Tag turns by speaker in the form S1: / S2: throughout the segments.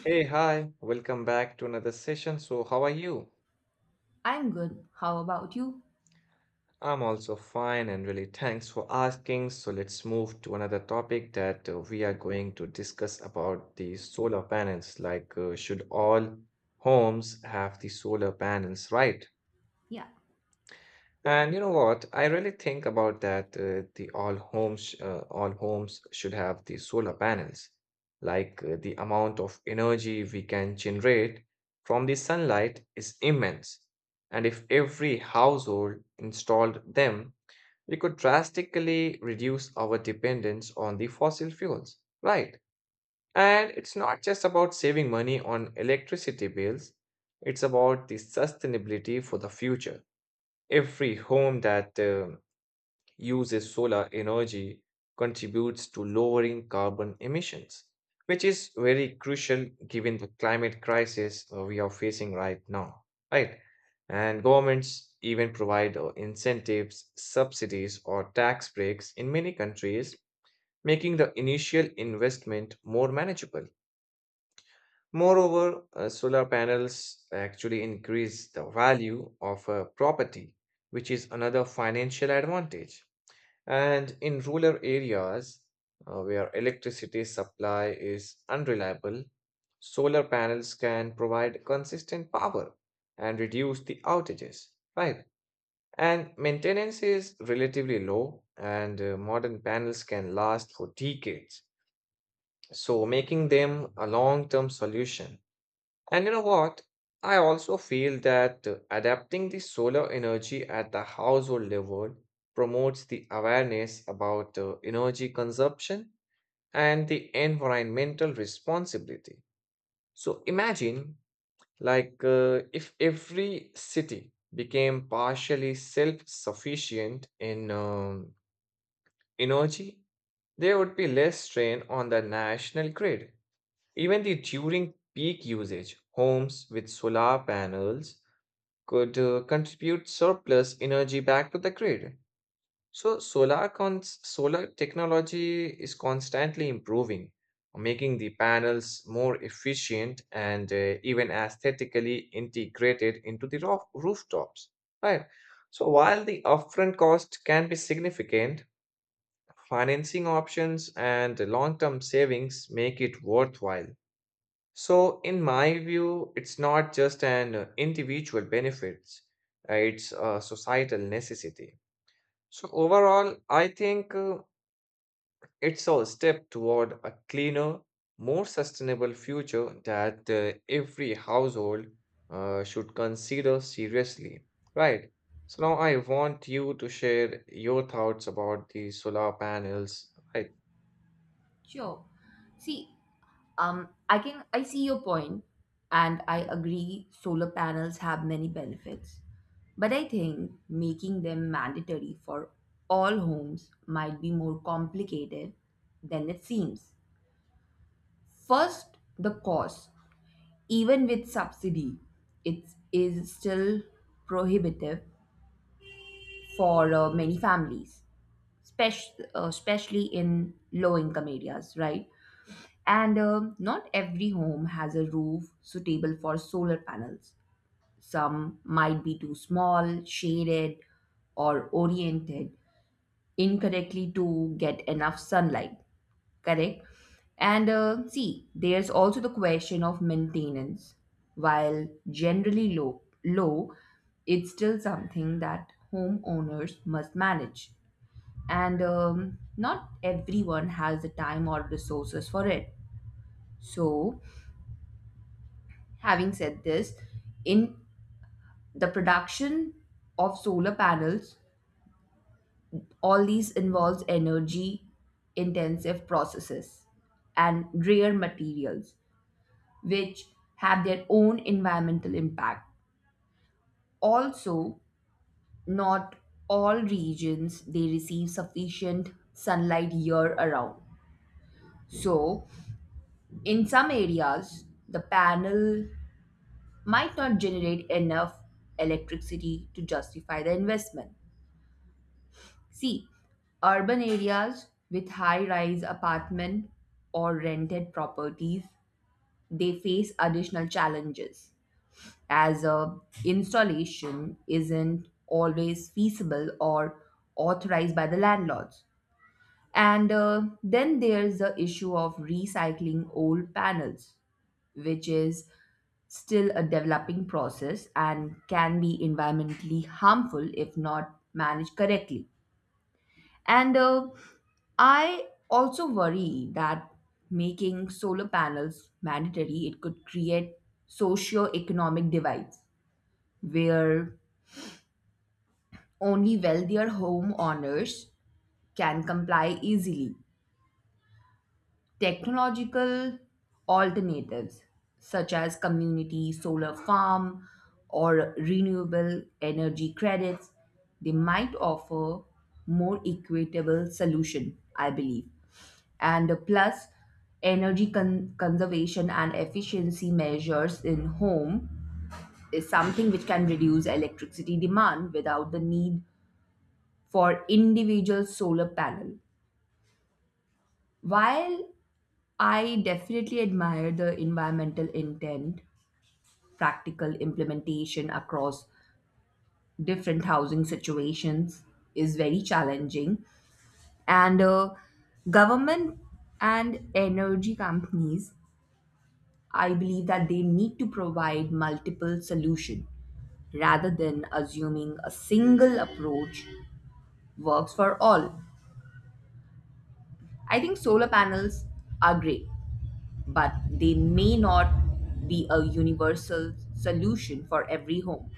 S1: Hey, hi, welcome back to another session. So, how are you?
S2: I'm good. How about you?
S1: I'm also fine and really thanks for asking. So, let's move to another topic that we are going to discuss about the solar panels. Should all homes have the solar panels, right?
S2: Yeah.
S1: And you know what? I really think about that. All homes should have the solar panels. The amount of energy we can generate from the sunlight is immense. And if every household installed them, we could drastically reduce our dependence on the fossil fuels. Right. And it's not just about saving money on electricity bills, it's about the sustainability for the future. Every home that uses solar energy contributes to lowering carbon emissions, which is very crucial given the climate crisis we are facing right now, right? And governments even provide incentives, subsidies, or tax breaks in many countries, making the initial investment more manageable. Moreover, solar panels actually increase the value of a property, which is another financial advantage. And in rural areas where electricity supply is unreliable, solar panels can provide consistent power and reduce the outages, right? And maintenance is relatively low, and modern panels can last for decades, so making them a long-term solution. And you know what? I also feel that adapting the solar energy at the household level promotes the awareness about energy consumption and the environmental responsibility. So imagine, if every city became partially self-sufficient in energy, there would be less strain on the national grid. Even the during peak usage, homes with solar panels could contribute surplus energy back to the grid. So solar technology is constantly improving, making the panels more efficient and even aesthetically integrated into the rooftops. Right. So while the upfront cost can be significant, financing options and long-term savings make it worthwhile. So, in my view, it's not just an individual benefits, it's a societal necessity. So, overall, I think it's a step toward a cleaner, more sustainable future that every household should consider seriously, right? So, now I want you to share your thoughts about the solar panels, right?
S2: Sure. See, I see your point, and I agree solar panels have many benefits. But I think making them mandatory for all homes might be more complicated than it seems. First, the cost. Even with subsidy, it is still prohibitive for many families, especially in low income areas, right? And not every home has a roof suitable for solar panels. Some might be too small, shaded, or oriented incorrectly to get enough sunlight. Correct? And see, there's also the question of maintenance. While generally low, it's still something that homeowners must manage. And not everyone has the time or resources for it. So, having said this, in the production of solar panels, all these involves energy intensive processes and rare materials which have their own environmental impact. Also, not all regions they receive sufficient sunlight year around. So, in some areas, the panel might not generate enough electricity to justify the investment. See, urban areas with high-rise apartment or rented properties, they face additional challenges as installation isn't always feasible or authorized by the landlords. And then there's the issue of recycling old panels, which is still a developing process and can be environmentally harmful if not managed correctly. And I also worry that making solar panels mandatory, it could create socio-economic divides where only wealthier homeowners can comply easily. Technological alternatives such as community solar farm or renewable energy credits, they might offer more equitable solution, I believe. And plus energy conservation and efficiency measures in home is something which can reduce electricity demand without the need for individual solar panel. While I definitely admire the environmental intent, practical implementation across different housing situations is very challenging, and government and energy companies, I believe that they need to provide multiple solutions rather than assuming a single approach works for all. I think solar panels are great, but they may not be a universal solution for every home.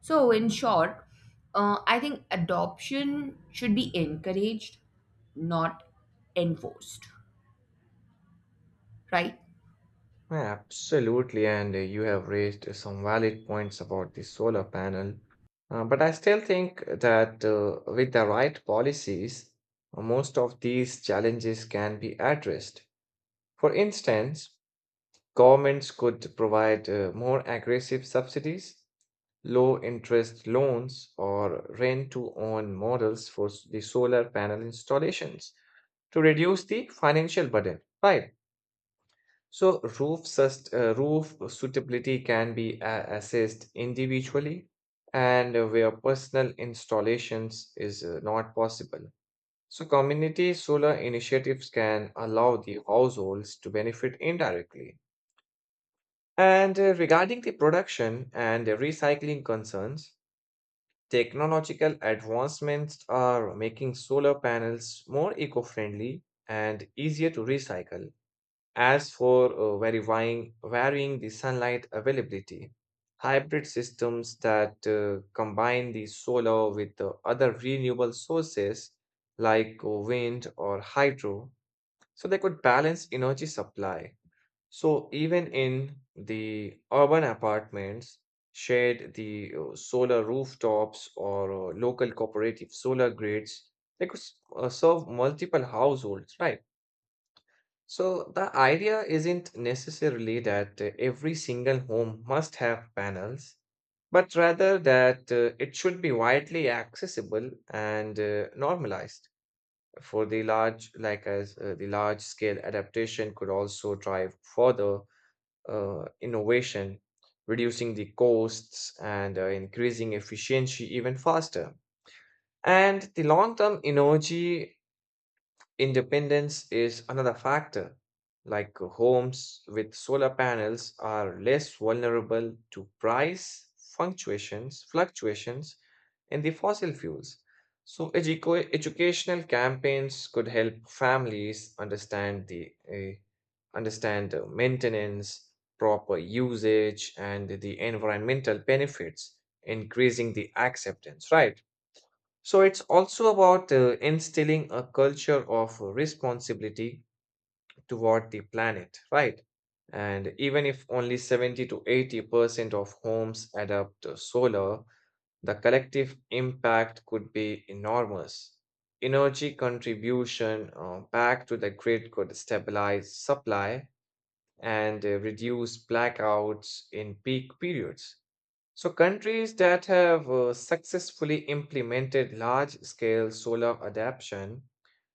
S2: So, in short, I think adoption should be encouraged, not enforced, right?
S1: Absolutely, and you have raised some valid points about the solar panel. But I still think that with the right policies, most of these challenges can be addressed. For instance, governments could provide more aggressive subsidies, low interest loans, or rent to own models for the solar panel installations to reduce the financial burden, right? So roof suitability can be assessed individually and where personal installations is not possible. So community solar initiatives can allow the households to benefit indirectly. And regarding the production and the recycling concerns, technological advancements are making solar panels more eco-friendly and easier to recycle. As for varying the sunlight availability, hybrid systems that combine the solar with the other renewable sources like wind or hydro, so they could balance energy supply. So even in the urban apartments, shared the solar rooftops or local cooperative solar grids, they could serve multiple households, right? So the idea isn't necessarily that every single home must have panels, but rather that it should be widely accessible and normalized for the large, like as the large scale adaptation could also drive further innovation, reducing the costs and increasing efficiency even faster. And the long term energy independence is another factor, like homes with solar panels are less vulnerable to price fluctuations in the fossil fuels. So educational campaigns could help families understand the maintenance, proper usage, and the environmental benefits, increasing the acceptance, right? So it's also about instilling a culture of responsibility toward the planet, right? And even if only 70 to 80% of homes adopt solar, the collective impact could be enormous. Energy contribution back to the grid could stabilize supply and reduce blackouts in peak periods. So, countries that have successfully implemented large scale solar adaptation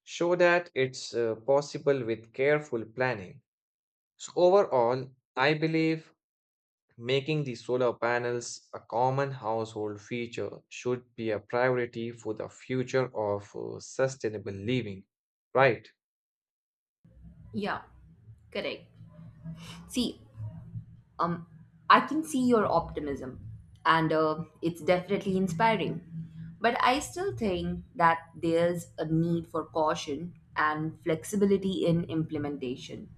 S1: show that it's possible with careful planning. So, overall, I believe making the solar panels a common household feature should be a priority for the future of sustainable living, right?
S2: Yeah, correct. See, um, I can see your optimism, and it's definitely inspiring. But I still think that there's a need for caution and flexibility in implementation.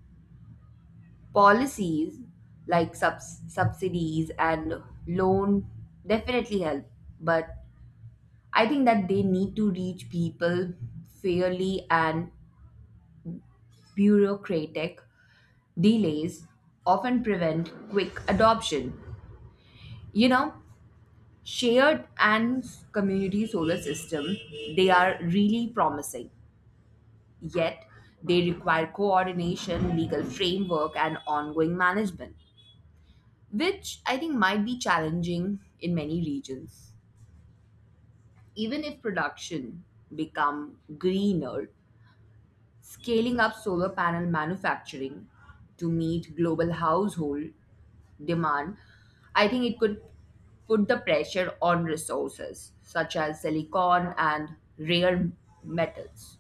S2: Policies like subsidies and loan definitely help, but I think that they need to reach people fairly, and bureaucratic delays often prevent quick adoption. You know, shared and community solar system, they are really promising. Yet, they require coordination, legal framework, and ongoing management, which I think might be challenging in many regions. Even if production become greener, scaling up solar panel manufacturing to meet global household demand, I think it could put the pressure on resources such as silicon and rare metals.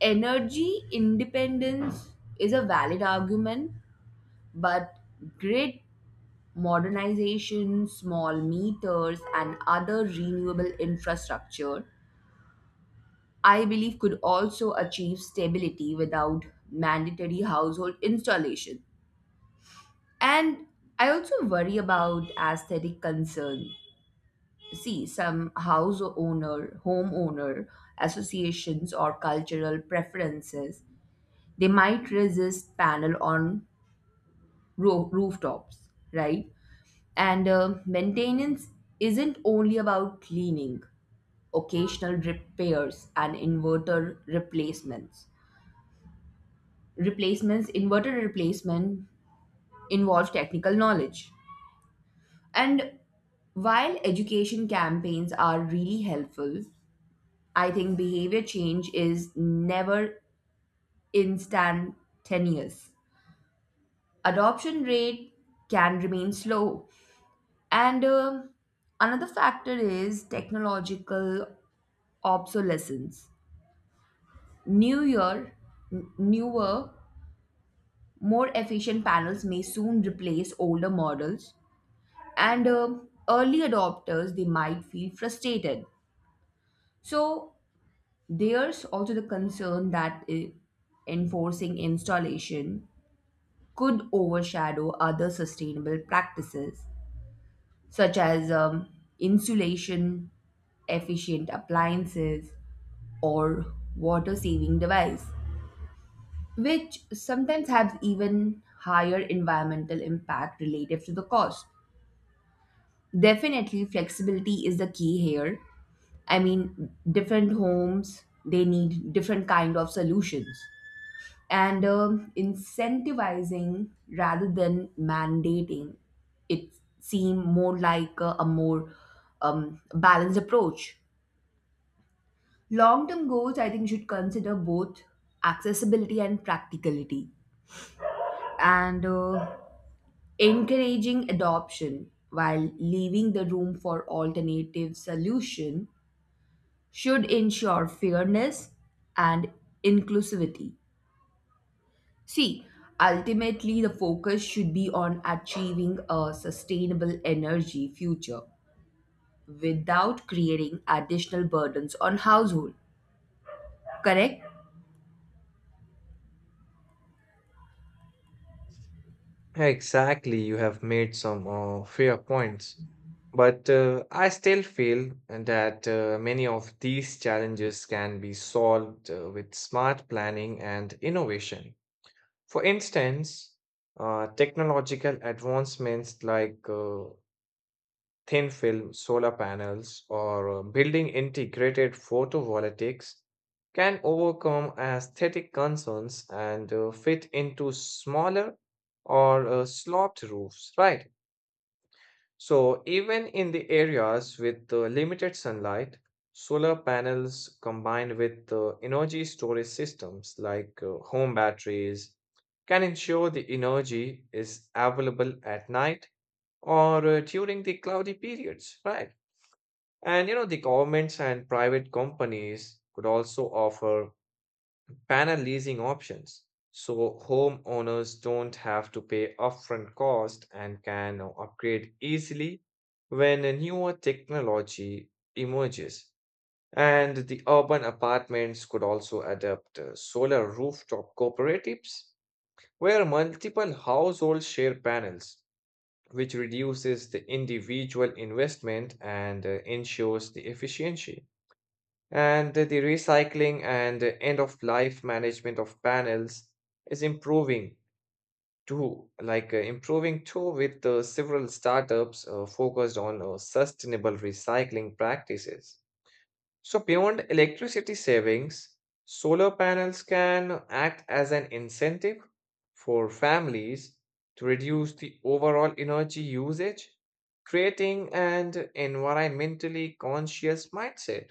S2: Energy independence is a valid argument, but grid modernization, small meters, and other renewable infrastructure I believe could also achieve stability without mandatory household installation. And I also worry about aesthetic concern. See, some homeowner associations or cultural preferences, they might resist panel on rooftops, right? And maintenance isn't only about cleaning, occasional repairs and inverter replacement involve technical knowledge, and while education campaigns are really helpful, I think behavior change is never instantaneous. Adoption rate can remain slow. And another factor is technological obsolescence. Newer n- newer more efficient panels may soon replace older models, and early adopters they might feel frustrated. So there's also the concern that enforcing installation could overshadow other sustainable practices such as insulation, efficient appliances, or water saving device, which sometimes have even higher environmental impact relative to the cost. Definitely, flexibility is the key here. I mean, different homes they need different kind of solutions, and incentivizing rather than mandating it seem more like a more balanced approach. Long term goals, I think, should consider both accessibility and practicality, and encouraging adoption while leaving the room for alternative solution should ensure fairness and inclusivity. See, ultimately, the focus should be on achieving a sustainable energy future without creating additional burdens on household. Correct?
S1: Exactly, you have made some fair points. But I still feel that many of these challenges can be solved with smart planning and innovation. For instance, technological advancements like thin film solar panels or building integrated photovoltaics can overcome aesthetic concerns and fit into smaller or sloped roofs, right? So, even in the areas with limited sunlight, solar panels combined with energy storage systems like home batteries can ensure the energy is available at night or during the cloudy periods, right? And you know, the governments and private companies could also offer panel leasing options. So homeowners don't have to pay upfront cost and can upgrade easily when a newer technology emerges. And the urban apartments could also adopt solar rooftop cooperatives where multiple households share panels, which reduces the individual investment and ensures the efficiency. And the recycling and end of life management of panels is improving too, improving too with several startups focused on sustainable recycling practices. So, beyond electricity savings, solar panels can act as an incentive for families to reduce the overall energy usage, creating an environmentally conscious mindset.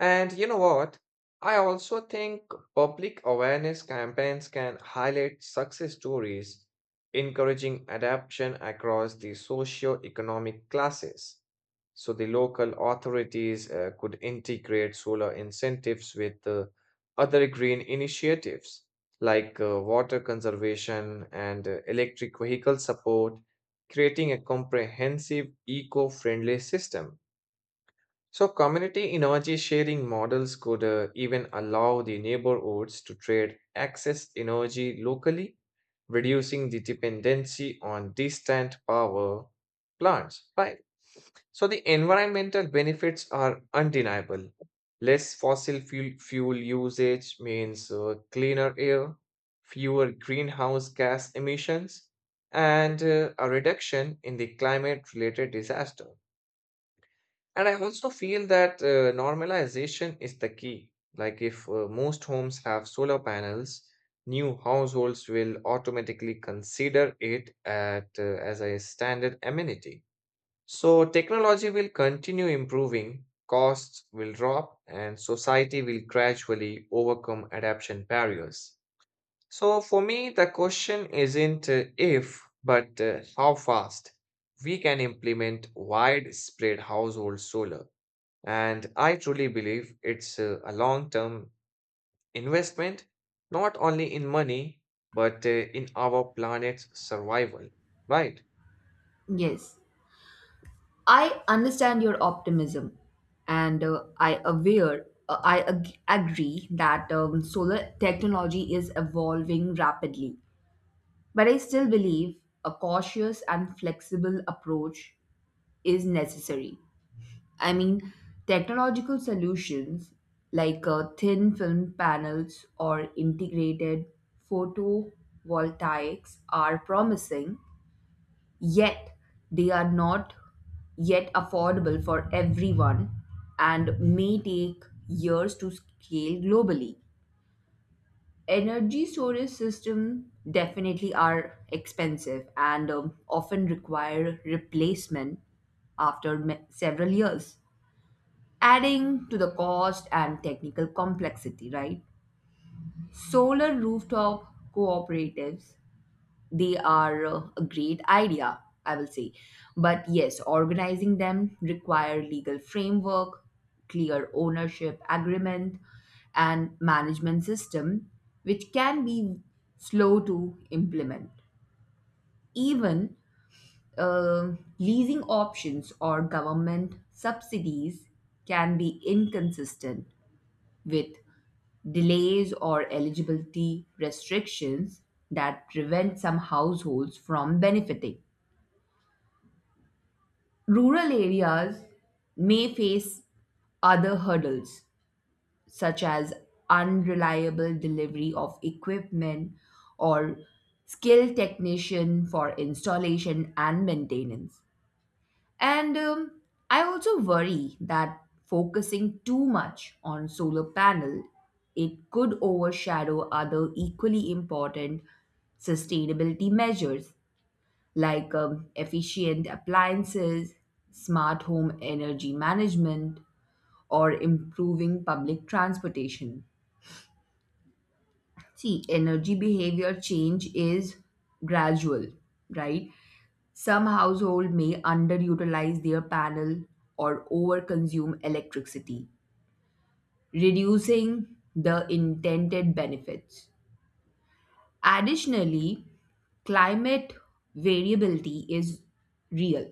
S1: And you know what? I also think public awareness campaigns can highlight success stories, encouraging adaptation across the socio-economic classes. So the local authorities could integrate solar incentives with other green initiatives like water conservation and electric vehicle support, creating a comprehensive eco-friendly system. So, community energy sharing models could even allow the neighborhoods to trade excess energy locally, reducing the dependency on distant power plants, right? So, the environmental benefits are undeniable. Less fuel usage means cleaner air, fewer greenhouse gas emissions, and a reduction in the climate related disaster. And I also feel that normalization is the key. Like, if most homes have solar panels, new households will automatically consider it as a standard amenity. So, technology will continue improving, costs will drop, and society will gradually overcome adaptation barriers. So, for me, the question isn't if, but how fast we can implement widespread household solar. And I truly believe it's a long term investment, not only in money, but in our planet's survival, right?
S2: Yes. I understand your optimism, and I agree that solar technology is evolving rapidly, but I still believe a cautious and flexible approach is necessary. I mean, technological solutions like thin film panels or integrated photovoltaics are promising, yet, they are not yet affordable for everyone and may take years to scale globally. Energy storage systems definitely are expensive and often require replacement after several years, adding to the cost and technical complexity, right? Solar rooftop cooperatives, they are a great idea, I will say. But yes, organizing them require legal framework, clear ownership agreement, and management system, which can be slow to implement. Even uh, leasing options or government subsidies can be inconsistent with delays or eligibility restrictions that prevent some households from benefiting. Rural areas may face other hurdles, such as unreliable delivery of equipment or skilled technician for installation and maintenance. And I also worry that focusing too much on solar panel, it could overshadow other equally important sustainability measures like efficient appliances, smart home energy management, or improving public transportation. See, energy behavior change is gradual, right? Some households may underutilize their panel or overconsume electricity, reducing the intended benefits. Additionally, climate variability is real.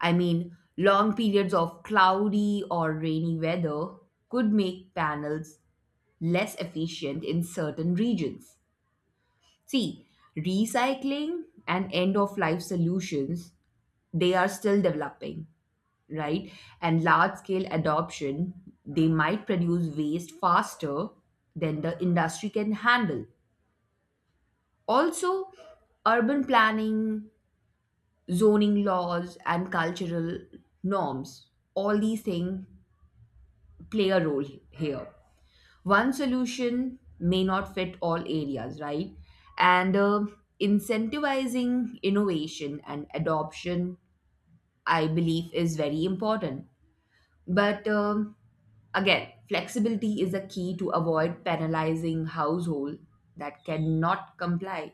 S2: I mean, long periods of cloudy or rainy weather could make panels less efficient in certain regions. See, recycling and end of life solutions, they are still developing, right? And large scale adoption, they might produce waste faster than the industry can handle. Also, urban planning, zoning laws, and cultural norms, all these things play a role here. One solution may not fit all areas, right? And incentivizing innovation and adoption, I believe, is very important. But again, flexibility is a key to avoid penalizing household that cannot comply.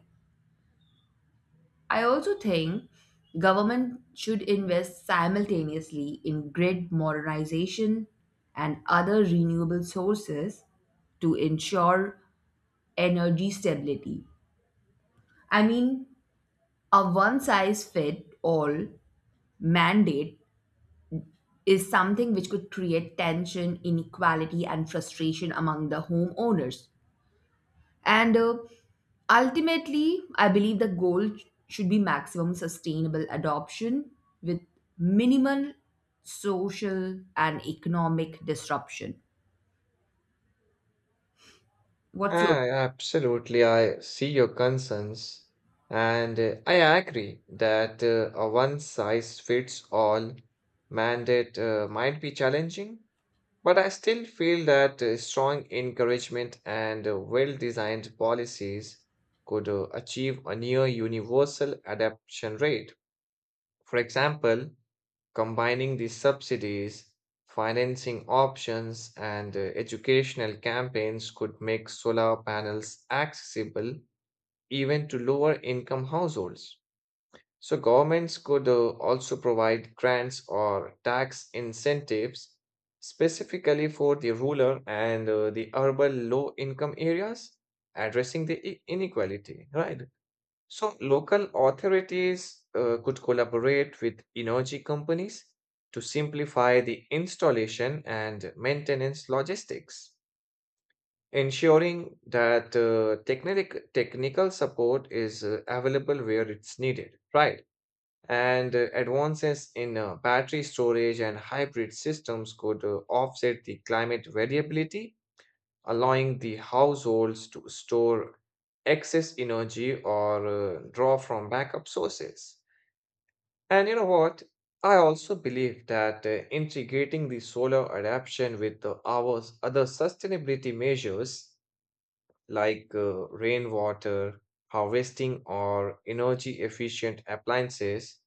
S2: I also think government should invest simultaneously in grid modernization and other renewable sources to ensure energy stability. I mean, a one size fit all mandate is something which could create tension, inequality, and frustration among the homeowners. And ultimately, I believe the goal should be maximum sustainable adoption with minimal social and economic disruption. What's your
S1: Ah, absolutely. I see your concerns. And I agree that a one size fits all mandate might be challenging, but I still feel that strong encouragement and well designed policies could achieve a near universal adoption rate. For example, combining the subsidies, financing options, and educational campaigns could make solar panels accessible even to lower income households. So governments could also provide grants or tax incentives specifically for the rural and the urban low-income areas, addressing the inequality, right? So local authorities could collaborate with energy companies to simplify the installation and maintenance logistics, ensuring that technical support is available where it's needed, right? And advances in battery storage and hybrid systems could offset the climate variability, allowing the households to store excess energy or draw from backup sources. And you know what? I also believe that integrating the solar adaptation with the our other sustainability measures like rainwater harvesting or energy efficient appliances,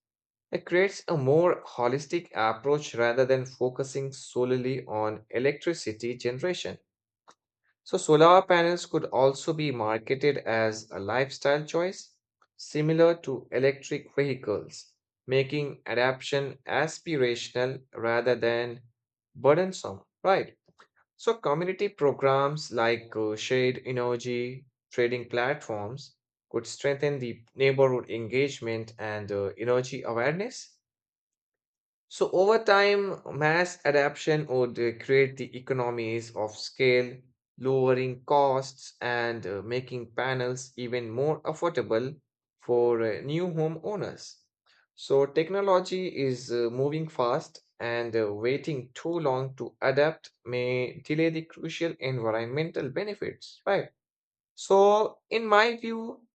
S1: it creates a more holistic approach rather than focusing solely on electricity generation. So, solar panels could also be marketed as a lifestyle choice, similar to electric vehicles, making adoption aspirational rather than burdensome, right? So, community programs like Shade Energy trading platforms could strengthen the neighborhood engagement and energy awareness. So over time, mass adoption would create the economies of scale, lowering costs and making panels even more affordable for new homeowners. So technology is moving fast and waiting too long to adapt may delay the crucial environmental benefits, right? So in my view,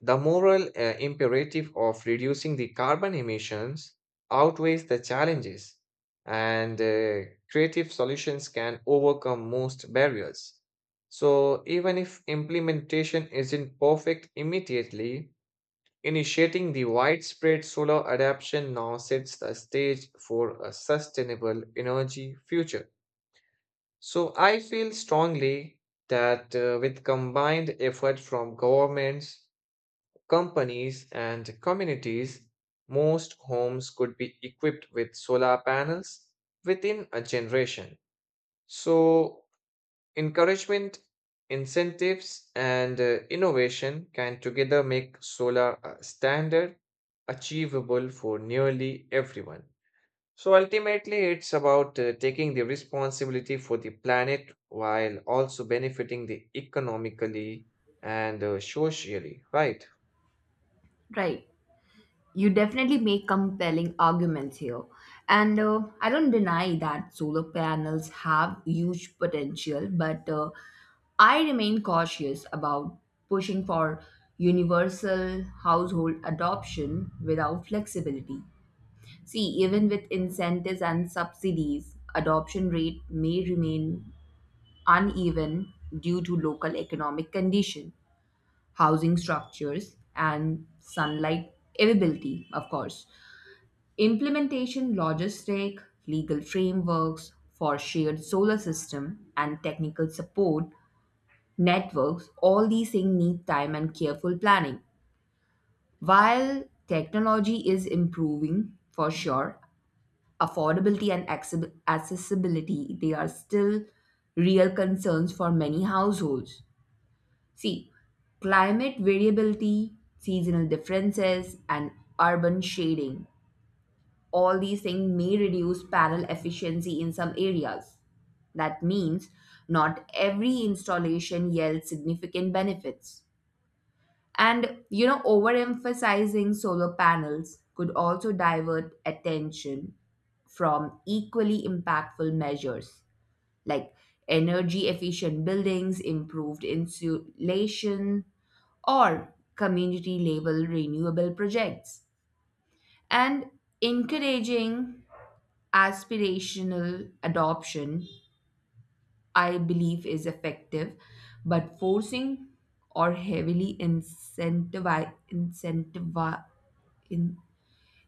S1: the moral imperative of reducing the carbon emissions outweighs the challenges, and creative solutions can overcome most barriers. So, even if implementation isn't perfect immediately, initiating the widespread solar adoption now sets the stage for a sustainable energy future. So, I feel strongly that with combined effort from governments, companies, and communities, most homes could be equipped with solar panels within a generation. So, encouragement, incentives, and innovation can together make solar a standard achievable for nearly everyone. So, ultimately, it's about taking the responsibility for the planet while also benefiting the economically and socially, right?
S2: right? You definitely make compelling arguments here. And I don't deny that solar panels have huge potential, but I remain cautious about pushing for universal household adoption without flexibility. See, even with incentives and subsidies, adoption rate may remain uneven due to local economic condition, housing structures, and sunlight availability, of course. Implementation logistic, legal frameworks for shared solar system and technical support networks, all these things need time and careful planning. While technology is improving for sure, affordability and accessibility, they are still real concerns for many households. See, climate variability, seasonal differences, and urban shading, all these things may reduce panel efficiency in some areas. That means not every installation yields significant benefits. And you know, overemphasizing solar panels could also divert attention from equally impactful measures like energy efficient buildings, improved insulation, or community level renewable projects. And encouraging aspirational adoption I believe is effective, but forcing or heavily in-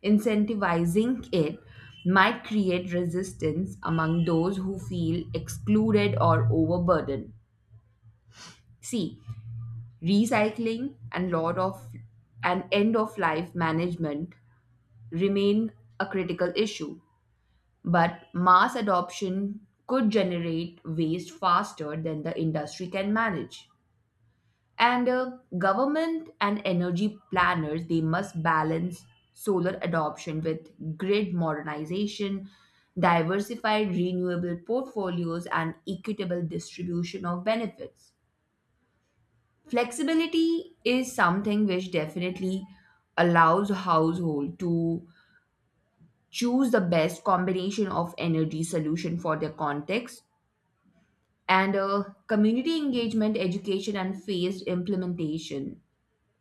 S2: incentivizing it might create resistance among those who feel excluded or overburdened. See, recycling and end of life management remain a critical issue, but mass adoption could generate waste faster than the industry can manage. And government and energy planners they must balance solar adoption with grid modernization, diversified renewable portfolios, and equitable distribution of benefits. Flexibility is something which definitely allows household to choose the best combination of energy solution for their context, and community engagement, education, and phased implementation,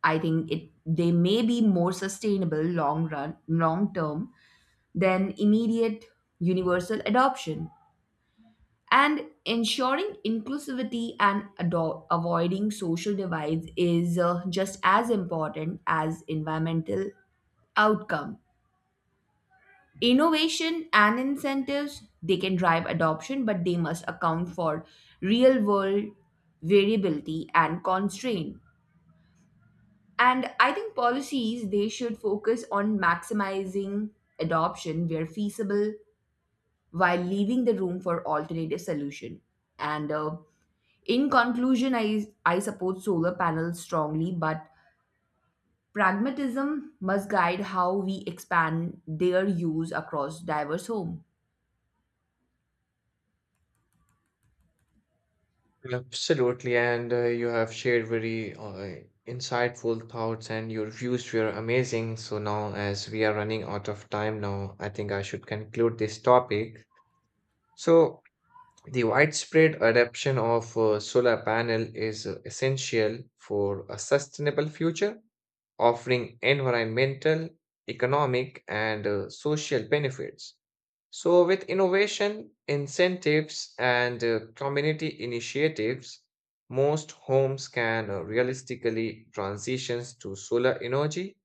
S2: I think it they may be more sustainable long term than immediate universal adoption. And ensuring inclusivity and avoiding social divides is just as important as environmental outcome. Innovation and incentives they can drive adoption, but they must account for real world variability and constraint. And I think policies they should focus on maximizing adoption where feasible while leaving the room for alternative solution. And in conclusion, I support solar panels strongly, but pragmatism must guide how we expand their use across diverse home.
S1: Absolutely, and you have shared very insightful thoughts, and your views were amazing. So now, as we are running out of time now, I think I should conclude this topic. So the widespread adoption of solar panel is essential for a sustainable future, offering environmental, economic, and social benefits. So, with innovation, incentives, and community initiatives, most homes can realistically transition to solar energy.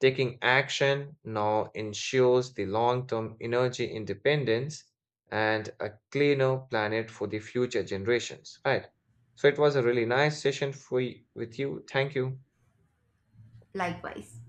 S1: Taking action now ensures the long term energy independence and a cleaner planet for the future generations. Right. So, it was a really nice session for with you. Thank you.
S2: Likewise.